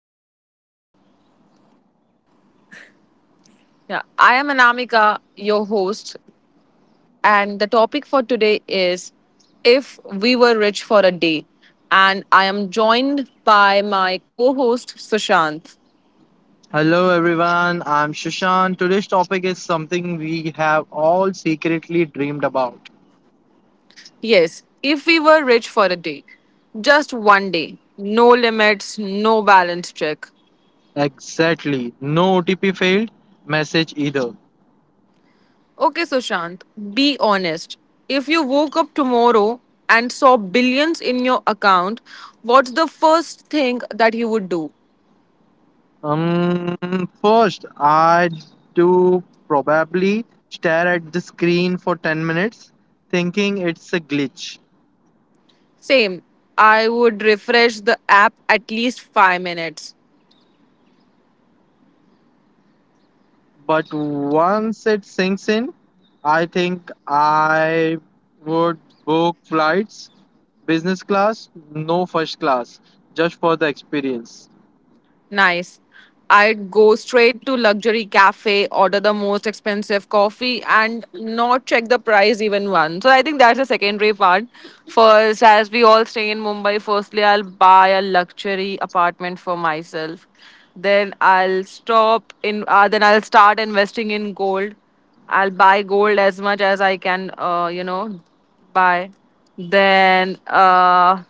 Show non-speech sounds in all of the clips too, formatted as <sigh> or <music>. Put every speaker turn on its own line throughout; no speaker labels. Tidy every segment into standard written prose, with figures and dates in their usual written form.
I am Hana. Yeah, I am Anamika, your host, and the topic for today is if we were rich for a day. And I am joined by my co-host Sushant.
Hello everyone, I'm Shashan. Today's topic is something we have all secretly dreamed about.
Yes, if we were rich for a day, just one day. No limits, no balance check.
Exactly, no OTP failed message either.
Okay, Sushant, be honest. If you woke up tomorrow and saw billions in your account, what's the first thing that you would do?
Um, First, I do probably stare at the screen for 10 minutes thinking it's a glitch.
Same. I would refresh the app at least 5 minutes.
But once it sinks in, I think I would book flights, business class, no first class, just for the experience.
Nice. I'd go straight to luxury cafe, order the most expensive coffee, and not check the price even once. So I think that's the secondary part. First, as we all stay in Mumbai, firstly I'll buy a luxury apartment for myself. Then I'll stop in. Then I'll start investing in gold. I'll buy gold as much as I can. Buy. Then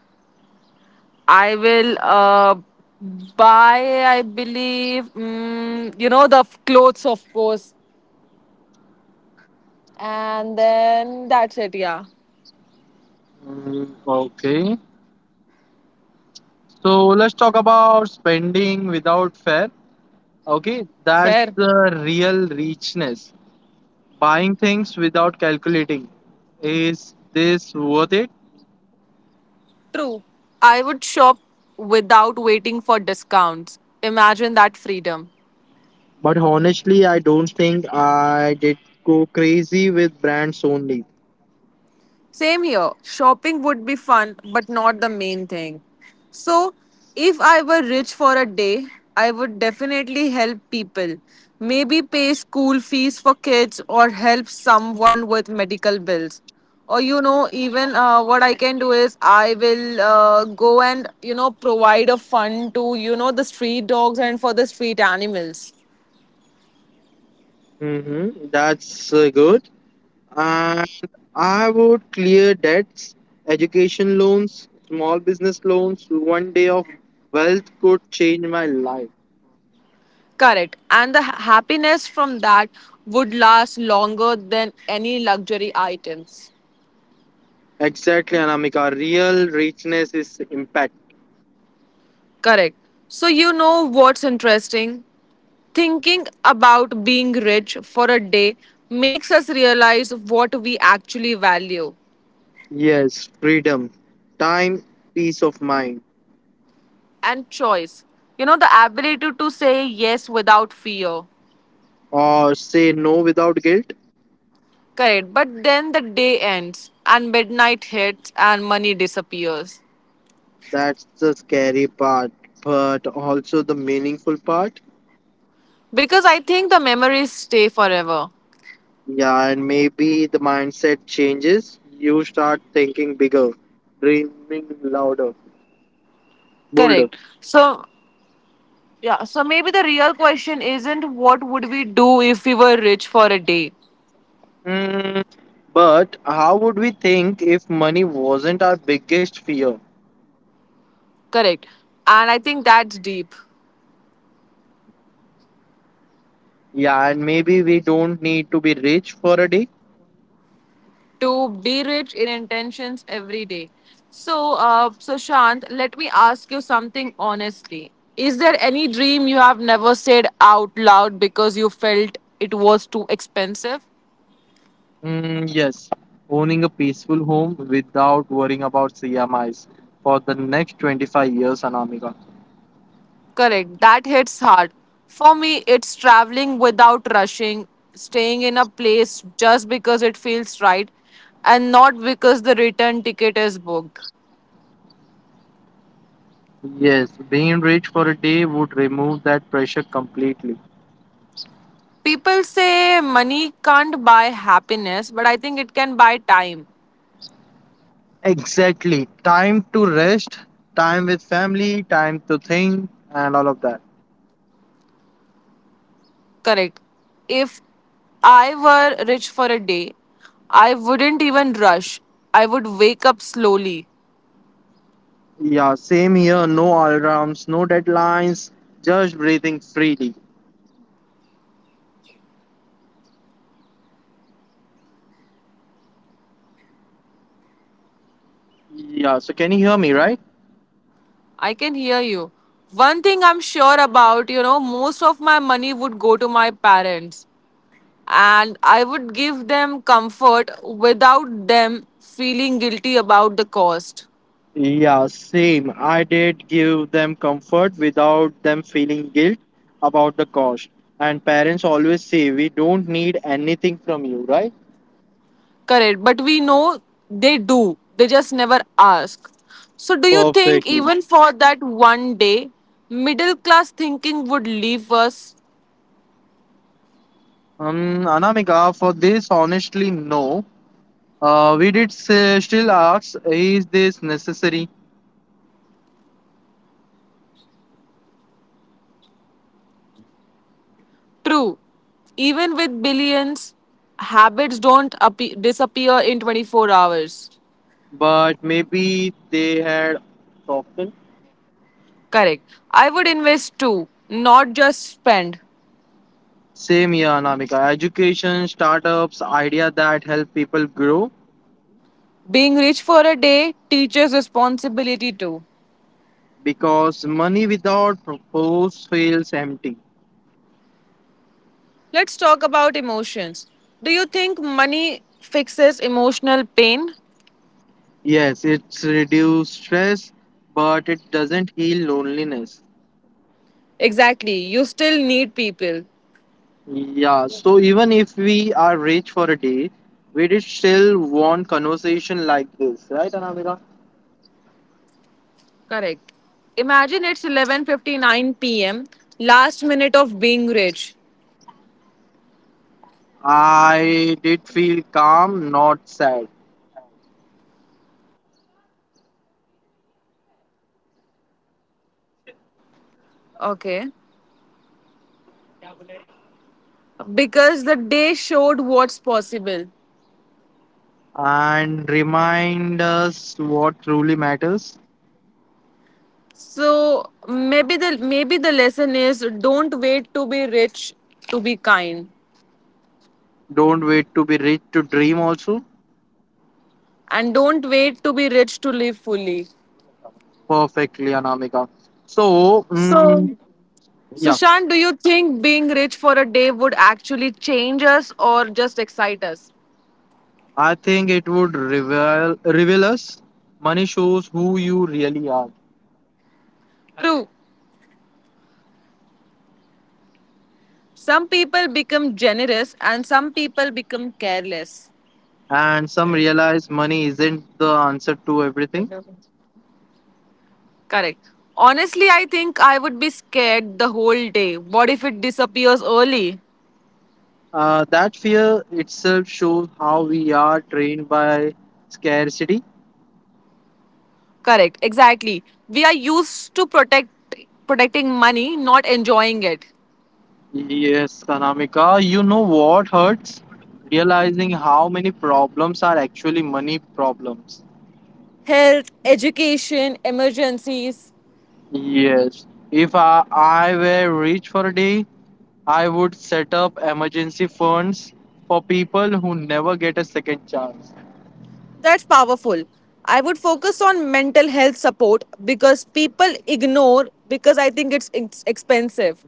I will buy, I believe, the clothes, of course. And then that's it, yeah.
Mm, okay, so let's talk about spending without fear. Okay, that's
Fair.
the real richness. Buying things without calculating. Is this worth it?
True. I would shop without waiting for discounts. Imagine that freedom.
But honestly, I don't think I did go crazy with brands only.
Same here. Shopping would be fun, but not the main thing. So, if I were rich for a day, I would definitely help people. Maybe pay school fees for kids or help someone with medical bills. Or, even what I can do is I will go and provide a fund to the street dogs and for the street animals.
Mm-hmm. That's good. And I would clear debts, education loans, small business loans. One day of wealth could change my life.
Correct. And the happiness from that would last longer than any luxury items.
Exactly, Anamika. Real richness is impact.
Correct. So, you know what's interesting? Thinking about being rich for a day makes us realize what we actually value
Yes, freedom, time, peace of mind,
and choice. You know, the ability to say yes without fear.
or say no without guilt.
Correct. But then the day ends and midnight hits and money disappears.
That's the scary part, but also the meaningful part.
Because I think the memories stay forever.
Yeah, and maybe the mindset changes. You start thinking bigger, dreaming louder, bolder.
Correct. So, yeah, maybe the real question isn't, what would we do if we were rich for a day?
Mm, but how would we think if money wasn't our biggest fear?
Correct. And I think that's deep.
Yeah, and maybe we don't need to be rich for a day.
To be rich in intentions every day. So, Shant, let me ask you something honestly. Is there any dream you have never said out loud because you felt it was too expensive?
Mm, yes, owning a peaceful home without worrying about CMIs for the next 25 years, Anamika.
Correct. That hits hard. For me, it's traveling without rushing, staying in a place just because it feels right and not because the return ticket is booked.
Yes, being rich for a day would remove that pressure completely.
People say money can't buy happiness, but I think it can buy time.
Exactly. Time to rest, time with family, time to think, and all of that.
Correct. If I were rich for a day, I wouldn't even rush. I would wake up slowly.
Yeah, same here. No alarms, no deadlines, just breathing freely. Yeah, so can you hear me, right?
I can hear you. One thing I'm sure about, most of my money would go to my parents, and I would give them comfort without them feeling guilty about the cost.
Yeah, same. I did give them comfort without them feeling guilt about the cost. And parents always say, we don't need anything from you, right?
Correct, but we know they do. They just never ask. So, do you think
Perfectly.
even for that one day, middle class thinking would leave us?
Anamika, for this, honestly, no. We did say, still ask, is this necessary?
True. Even with billions, habits don't disappear in 24 hours.
But maybe they had softened.
Correct. I would invest too, not just spend.
Same here, Anamika. Education, startups, idea that help people grow
Being rich for a day teaches responsibility too.
because money without purpose feels empty.
Let's talk about emotions. Do you think money fixes emotional pain?
Yes, it's reduce stress, but it doesn't heal loneliness.
Exactly. You still need people.
Yeah, so even if we are rich for a day, we did still want conversation like this, right, Anamika?
Correct. Imagine it's 11:59 p.m., last minute of being rich.
I did feel calm, not sad.
Okay. Because the day showed what's possible.
And remind us what truly matters.
So maybe the lesson is, don't wait to be rich to be kind,
Don't wait to be rich to dream also.
and don't wait to be rich to live fully.
Perfectly, Anamika. So, mm,
So
yeah.
Sushant, do you think being rich for a day would actually change us or just excite us?
I think it would reveal us. Money shows who you really are,
True. Some people become generous and some people become careless.
and some realize money isn't the answer to everything.
Correct. Honestly, I think I would be scared the whole day. What if it disappears early?
That fear itself shows how we are trained by scarcity.
Correct. Exactly. We are used to protecting money, not enjoying it.
Yes, Kanamika, you know what hurts? Realizing how many problems are actually money problems.
Health, education, emergencies.
Yes, if I were rich for a day, I would set up emergency funds for people who never get a second chance.
That's powerful. I would focus on mental health support because people ignore, because I think it's expensive.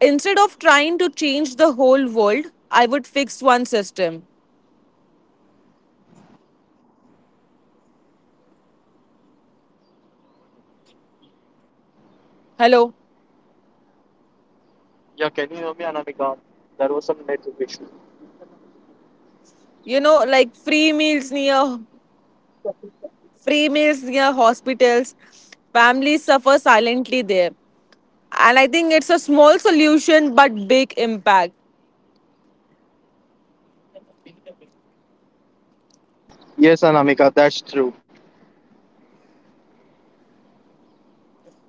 Instead of trying to change the whole world, I would fix one system. Hello.
Yeah, can you hear me, Anamika? There was some network issue.
You know, like free meals near hospitals. Families suffer silently there. And I think it's a small solution but big impact.
Yes, Anamika, that's true.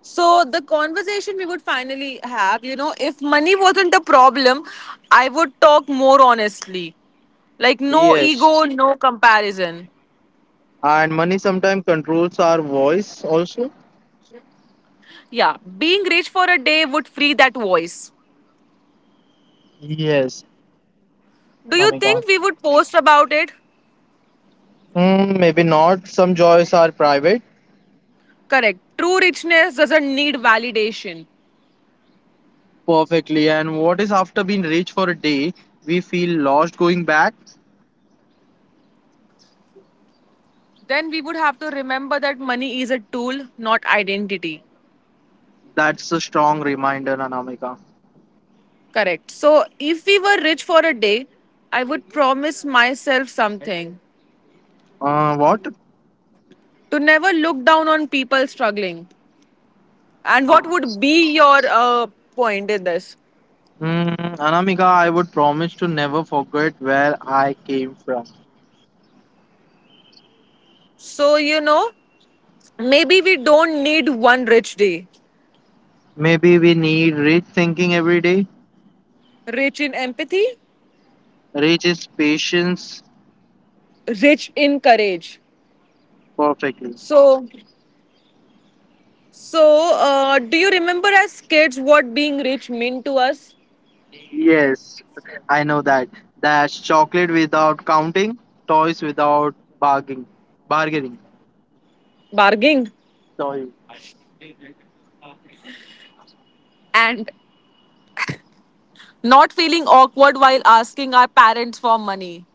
So the conversation we would finally have, if money wasn't a problem, I would talk more honestly. Like no
Yes.
ego, no comparison.
And money sometimes controls our voice also.
Yeah, being rich for a day would free that voice.
Yes,
Do you
Anamika.
think we would post about it?
Hmm, maybe not. Some joys are private.
Correct. True richness doesn't need validation.
Perfectly. And what is after being rich for a day, we feel lost going back?
Then we would have to remember that money is a tool, not identity.
That's a strong reminder, Anamika.
Correct. So if we were rich for a day, I would promise myself something,
What?
to never look down on people struggling. And
Uh,
what would be your point in this?
hmm, Anamika, I would promise to never forget where I came from.
So, maybe we don't need one rich day.
Maybe we need rich thinking every day.
Rich in empathy,
Reaches patience
rich in courage.
perfectly.
So, So, do you remember as kids what being rich meant to us?
Yes, I know that. That's chocolate without counting, toys without bargaining. Bargaining.
Bargaining,
Sorry.
and not feeling awkward while asking our parents for money.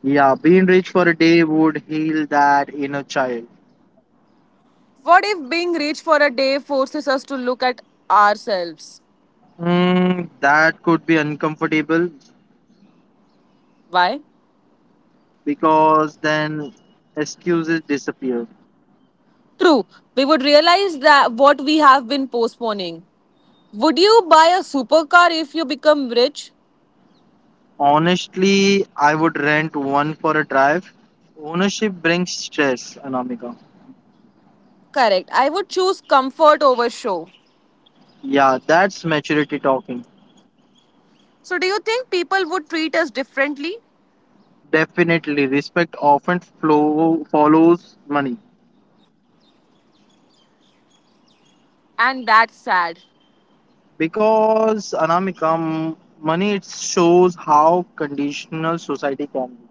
Yeah, being rich for a day would heal that inner child.
What if being rich for a day forces us to look at ourselves?
Mm, that could be uncomfortable
Why?
because then excuses disappear.
True, we would realize that what we have been postponing. Would you buy a supercar if you become rich?
Honestly, I would rent one for a drive. Ownership brings stress, Anamika.
Correct. I would choose comfort over show.
Yeah, that's maturity talking.
So, do you think people would treat us differently?
Definitely, respect often flow, follows money
And that's sad.
because Anamika, money it shows how conditional society can be.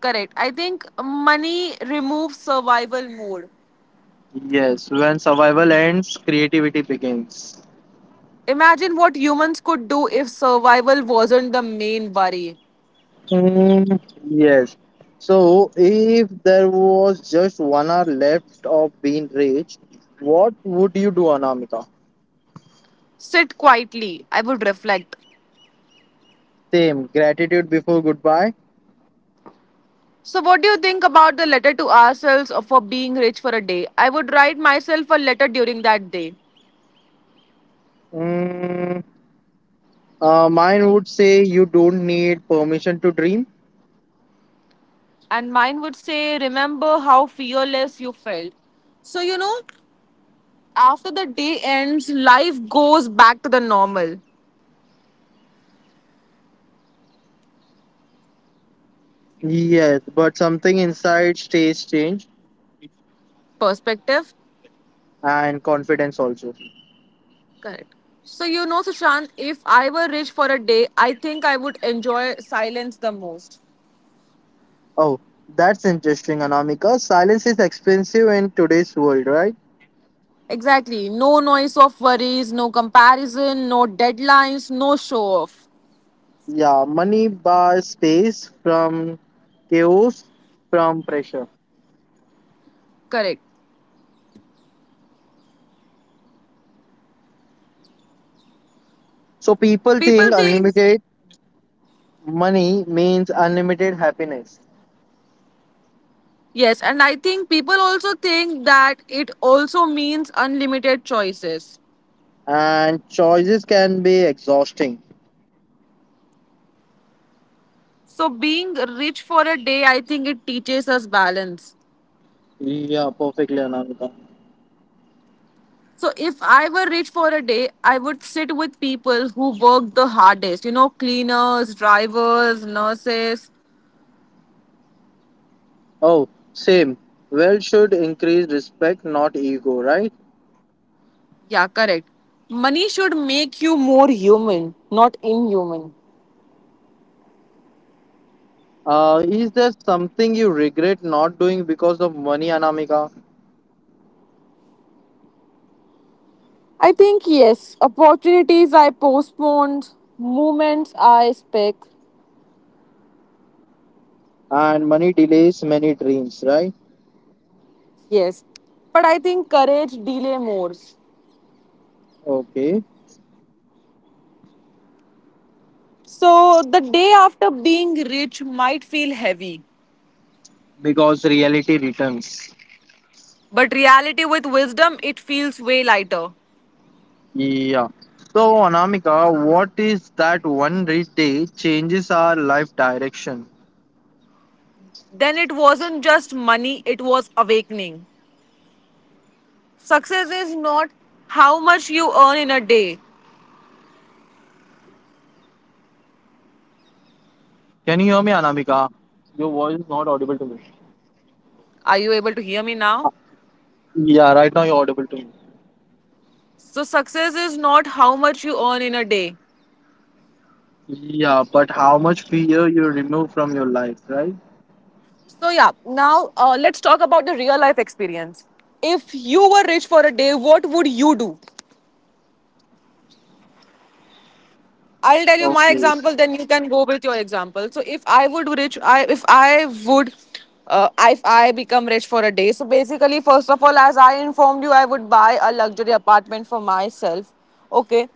Correct. I think money removes survival mode.
Yes, when survival ends, creativity begins.
Imagine what humans could do if survival wasn't the main worry.
Mm, yes. So, if there was just one hour left of being rich, what would you do, Anamika?
Sit quietly. I would reflect.
Same, gratitude before goodbye.
So, what do you think about the letter to ourselves for being rich for a day? I would write myself a letter during that day.
Mm, mine would say you don't need permission to dream.
And mine would say, remember how fearless you felt. So, after the day ends, life goes back to the normal
Yes, but something inside stays changed
perspective.
and confidence also.
Correct. So, Sushant, if I were rich for a day, I think I would enjoy silence the most.
Oh, that's interesting, Anamika. Silence is expensive in today's world, right?
Exactly. No noise of worries, no comparison, no deadlines, no show off.
Yeah, money buys space from chaos, from pressure.
Correct.
So people think
People think,
unlimited money means unlimited happiness,
yes, and I think people also think that it also means unlimited choices.
and choices can be exhausting.
So being rich for a day, I think it teaches us balance.
Yeah, perfectly, Anamika.
So if I were rich for a day, I would sit with people who work the hardest. You know, cleaners, drivers, nurses.
Oh, same. Wealth should increase respect, not ego, right?
Yeah, correct. Money should make you more human, not inhuman.
Is there something you regret not doing because of money, Anamika?
I think yes. Opportunities I postponed, moments I spec.
And money delays many dreams, right?
Yes. But I think courage delay more.
Okay.
So the day after being rich might feel heavy.
Because reality returns.
But reality with wisdom, it feels way lighter.
Yeah. So, Anamika, what is that one rich day changes our life direction?
Then it wasn't just money, it was awakening. Success is not how much you earn in a day.
Can you hear me, Anamika? Your voice is not audible to me.
Are you able to hear
Uh,
me now?
Yeah, right now you're audible to me.
So, success is not how much you earn in a day.
Mm. Yeah, but how much fear you remove from your life, right?
So, yeah, now let's talk about the real life experience. If you were rich for a day, what would you do?
Okay.
I'll tell you my example, then you can go with your example. So if I would rich, I if I would, if I become rich for a day. So basically, first of all, as I informed you, I would buy a luxury apartment for myself. Okay.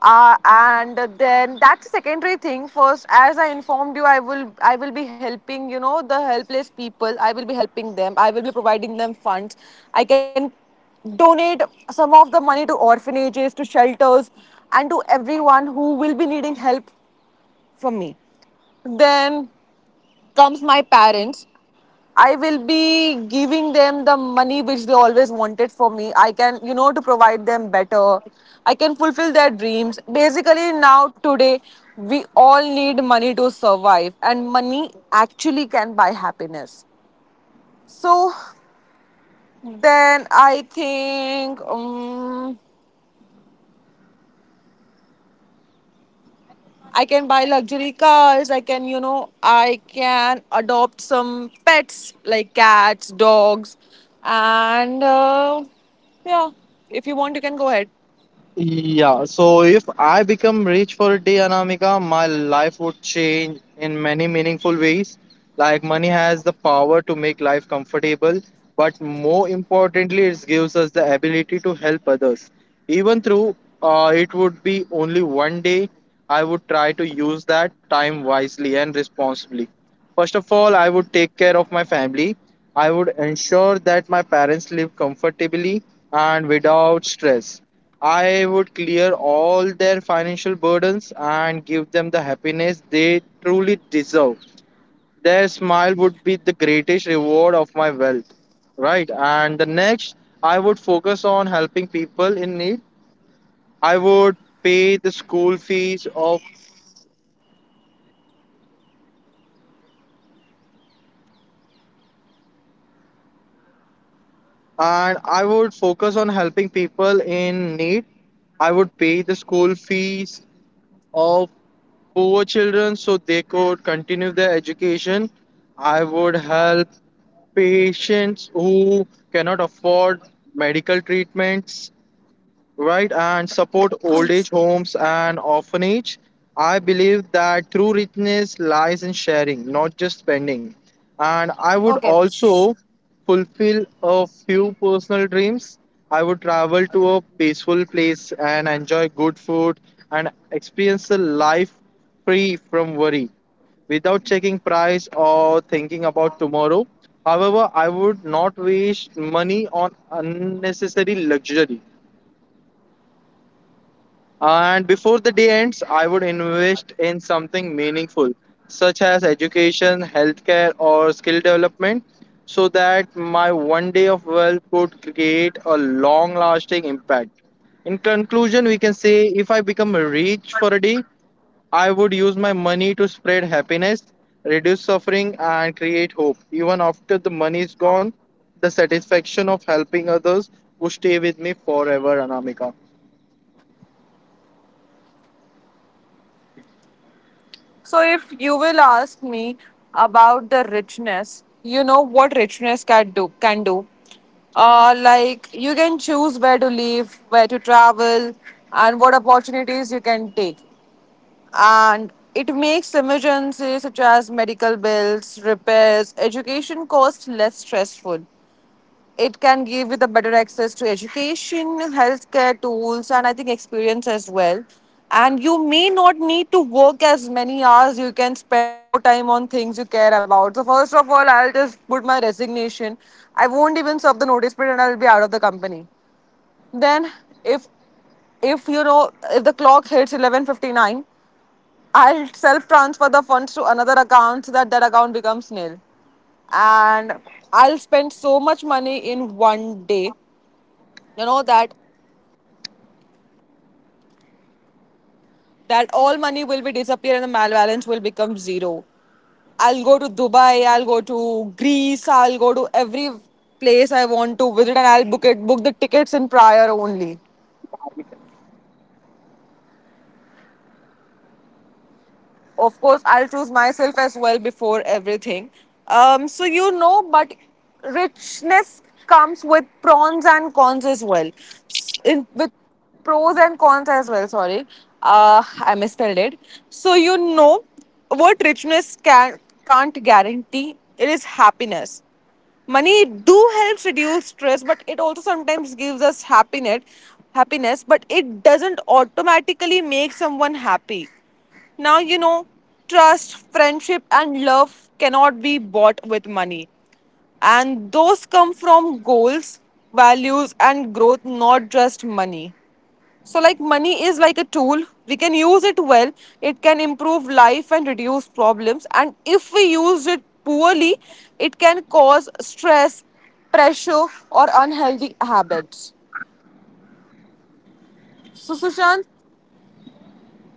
And then that's secondary thing. First, as I informed you, I will be helping the helpless people. I will be helping them. I will be providing them funds. I can donate some of the money to orphanages, to shelters, and to everyone who will be needing help from me. Then comes my parents. I will be giving them the money which they always wanted for me. I can, you know, To provide them better, I can fulfill their dreams. Basically, now, today, we all need money to survive, and money actually can buy happiness. So, then I think. I can buy luxury cars. I can adopt some pets like cats, dogs, and yeah, if you want, you can go ahead.
Yeah, so if I become rich for a day, Anamika, my life would change in many meaningful ways. Like money has the power to make life comfortable, but more importantly, it gives us the ability to help others. Even through it would be only one day, I would try to use that time wisely and responsibly. First of all, I would take care of my family. I would ensure that my parents live comfortably and without stress. I would clear all their financial burdens and give them the happiness they truly deserve. Their smile would be the greatest reward of my wealth. Right. And the next, I would focus on helping people in need. I would pay the school fees of and I would focus on helping people in need. I would pay the school fees of poor children so they could continue their education. I would help patients who cannot afford medical treatments, right, and support old age
<clears throat>
homes and orphanage. I believe that true richness lies in sharing, not just spending. And I would
Okay.
also
So,
fulfill a few personal dreams. I would travel to a peaceful place and enjoy good food and experience a life free from worry, without checking price or thinking about tomorrow. However, I would not waste money on unnecessary luxury. And before the day ends, I would invest in something meaningful, such as education, healthcare, or skill development, so that my one day of wealth could create a long lasting impact. In conclusion, we can say if I become rich for a day, I would use my money to spread happiness, reduce suffering, and create hope. Even after the money is gone, the satisfaction of helping others will stay with me forever, Anamika.
if you will ask me about the richness, you know what richness can do. Like, you can choose where to live, where to travel, and what opportunities you can take. And it makes emergencies such as medical bills, repairs, education costs less stressful. It can give you the better access to education, healthcare tools, and I think experience as well. And you may not need to work as many hours. You can spend more time on things you care about. So first of all, I'll just put my resignation. I won't even serve the notice period, and I'll be out of the company. Then, if if you know if the clock hits 11:59, I'll self transfer the funds to another account so that that account becomes nil. And I'll spend so much money in one day, that that all money will be disappear and the mal balance will become zero. I'll go to Dubai, I'll go to Greece, I'll go to every place I want to visit, and I'll book the tickets in prior only. Of course, I'll choose myself as well before everything. But richness comes with pros and cons as well. With pros and cons as well. Sorry, I misspelled it. So you know what richness can't guarantee. It is happiness. Money do helps reduce stress, but it also sometimes gives us happiness, but it doesn't automatically make someone happy now. You know, trust, friendship and love cannot be bought with money, and those come from goals, values and growth, not just money. Money is like a tool. We can use it well. It can improve life and reduce problems. And if we use it poorly, it can cause stress, pressure, or unhealthy habits. So, Sushant,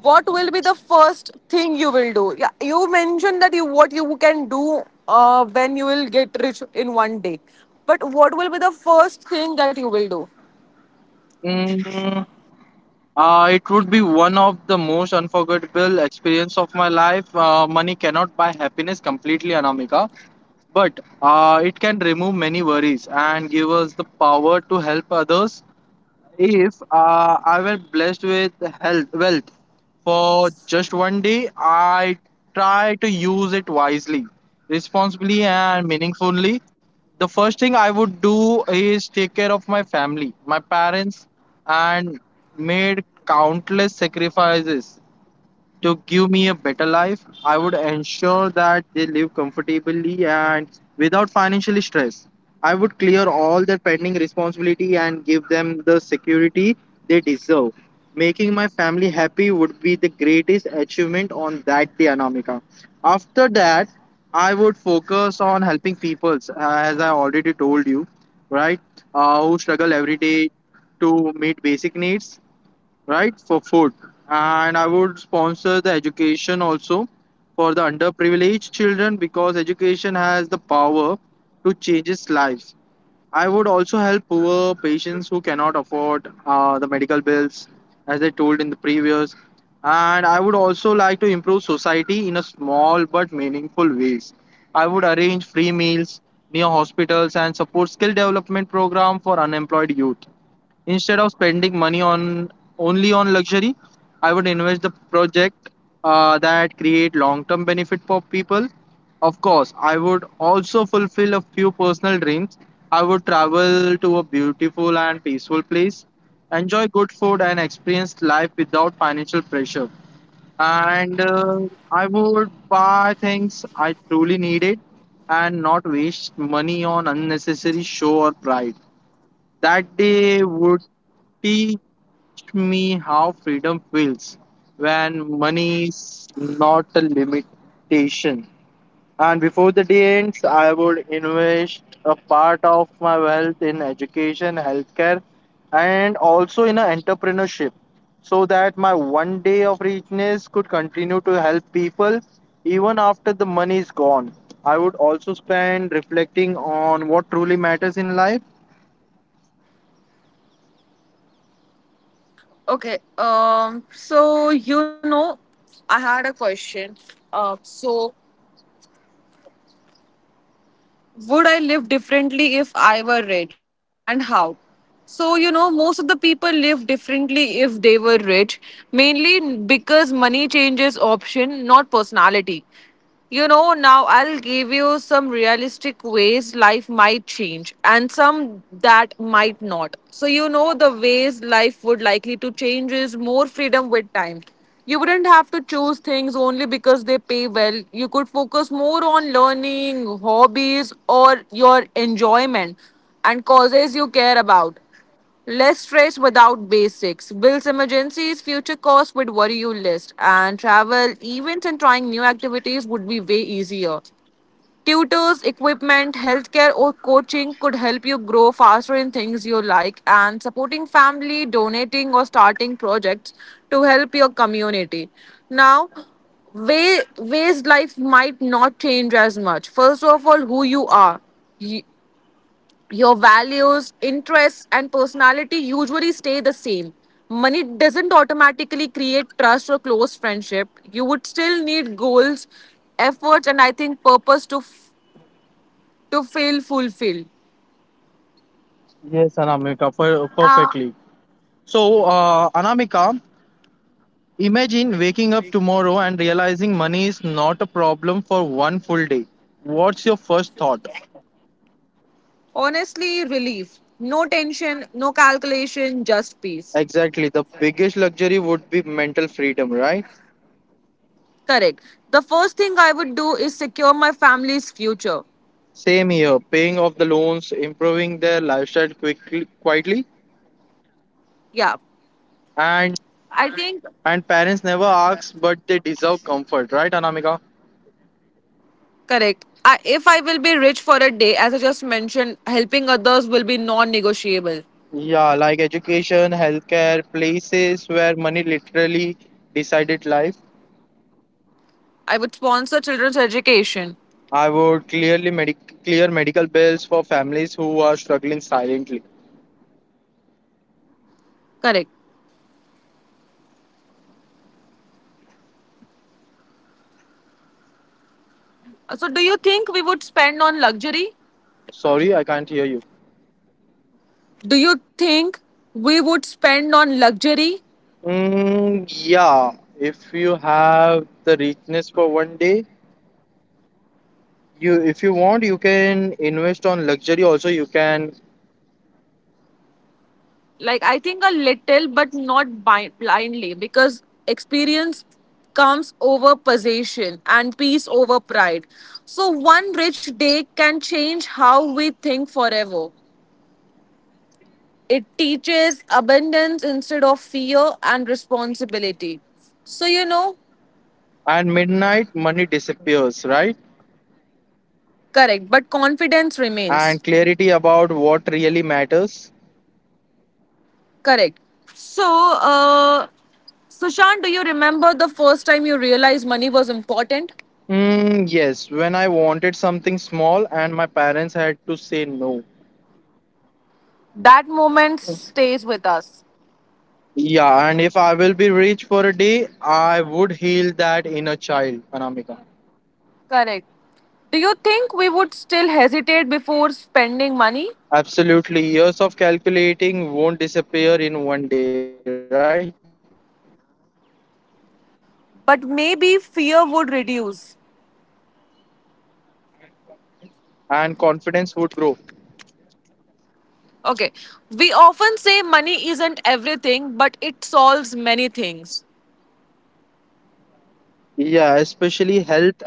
what will be the first thing you will do? Yeah, you mentioned that you what you can do when you will get rich in one day. But what will be the first thing that you will do?
Mm, it would be one of the most unforgettable experience of my life. Money cannot buy happiness completely, Anamika, but it can remove many worries and give us the power to help others. If I were blessed with health, wealth for just one day, I try to use it wisely, responsibly, and meaningfully. The first thing I would do is take care of my family, my parents, and made countless sacrifices to give me a better life. I would ensure that they live comfortably and without financial stress. I would clear all their pending responsibility and give them the security they deserve. Making my family happy would be the greatest achievement on that day, Anamika. After that, I would focus on helping people, as I already told you, right? Who struggle every day to meet basic needs, right, for food. And I would sponsor the education also for the underprivileged children, because education has the power to change its lives. I would also help poor patients who cannot afford the medical bills, as I told in the previous. And I would also like to improve society in a small but meaningful ways. I would arrange free meals near hospitals and support skill development program for unemployed youth. Instead of spending money on only on luxury, I would invest the project that create long-term benefit for people. Of course, I would also fulfill a few personal dreams. I would travel to a beautiful and peaceful place, enjoy good food and experience life without financial pressure. And I would buy things I truly needed and not waste money on unnecessary show or pride. That day would teach me how freedom feels when money is not a limitation. And before the day ends, I would invest a part of my wealth in education, healthcare, and also in a entrepreneurship, so that my one day of richness could continue to help people even after the money is gone. I would also spend reflecting on what truly matters in life.
Okay. I had a question. So would I live differently if I were rich, and how? Most of the people live differently if they were rich, mainly because money changes option, not personality. Now I'll give you some realistic ways life might change and some that might not. The ways life would likely to change is more freedom with time. You wouldn't have to choose things only because they pay well. You could focus more on learning, hobbies, or your enjoyment and causes you care about. Less stress without basics. Bills, emergencies, future costs would worry you less. And travel, events, and trying new activities would be way easier. Tutors, equipment, healthcare or coaching could help you grow faster in things you like, and supporting family, donating or starting projects to help your community. Now, ways life might not change as much. First of all, who you are. Y- your values, interests and personality usually stay the same. Money doesn't automatically create trust or close friendship. You would still need goals, efforts and I think purpose to feel fulfilled.
Yes, Anamika, perfectly.
Uh,
So, Anamika, imagine waking up tomorrow and realizing money is not a problem for one full day. What's your first thought?
Honestly, relief. No tension, no calculation, just peace.
Exactly. The biggest luxury would be mental freedom, right?
Correct. The first thing I would do is secure my family's future.
Same here, paying off the loans, improving their lifestyle quickly, quietly,
Yeah.
and
I think,
and parents never ask, but they deserve comfort, right, Anamika?
correct. I, if I will be rich for a day, as I just mentioned, helping others will be non negotiable.
Yeah, like education, healthcare, places where money literally decided life.
I would sponsor children's education.
I would clear medical bills for families who are struggling silently.
Correct. So, do you think we would spend on luxury?
Sorry, I can't hear you.
Do you think we would spend on luxury?
Mm, yeah, if you have the richness for one day, you if you want, you can invest on luxury. Also, you can.
I think a little, but not blindly, because experience comes over possession and peace over pride. So one rich day can change how we think forever. It teaches abundance instead of fear and responsibility. so you know
And midnight money disappears, right?
Correct, but confidence
And
remains.
clarity about what really matters.
Correct. so uh Sushant, do you remember the first time you realized money was important?
Mm, yes, when I wanted something small and my parents had to say no.
That moment stays with us.
Yeah, and if I will be rich for a day, I would heal that inner child, Anamika.
Correct. Do you think we would still hesitate before spending money?
Absolutely. Years of calculating won't disappear in one day, right?
But maybe fear would reduce.
And confidence would grow.
Okay. We often say money isn't everything, but it solves many things.
Yeah, especially health and education.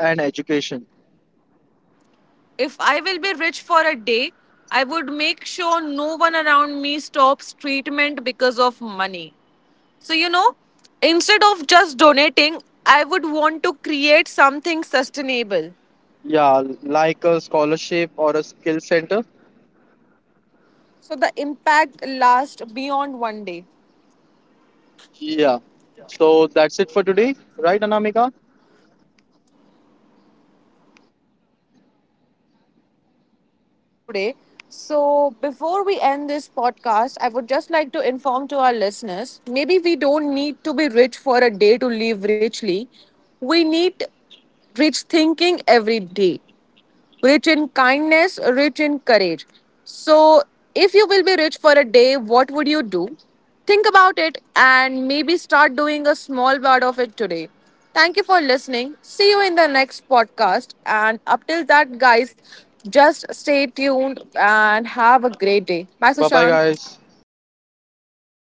If I will be rich for a day, I would make sure no one around me stops treatment because of money. So, you know, Instead of just donating, I would want to create something sustainable.
Yeah, like a scholarship or a skill center.
So the impact lasts beyond one day.
Yeah. So that's it for today, right, Anamika?
Yes, Sushant, that's it for today. So, before we end this podcast, I would just like to inform to our listeners maybe we don't need to be rich for a day to live richly. We need rich thinking every day, rich in kindness, rich in courage. So, if you will be rich for a day, what would you do? Think about it and maybe start doing a small part of it today. Thank you for listening. See you in the next podcast. And up till that, guys, just stay tuned and have a great day. Bye, Sushant.
Bye bye, guys.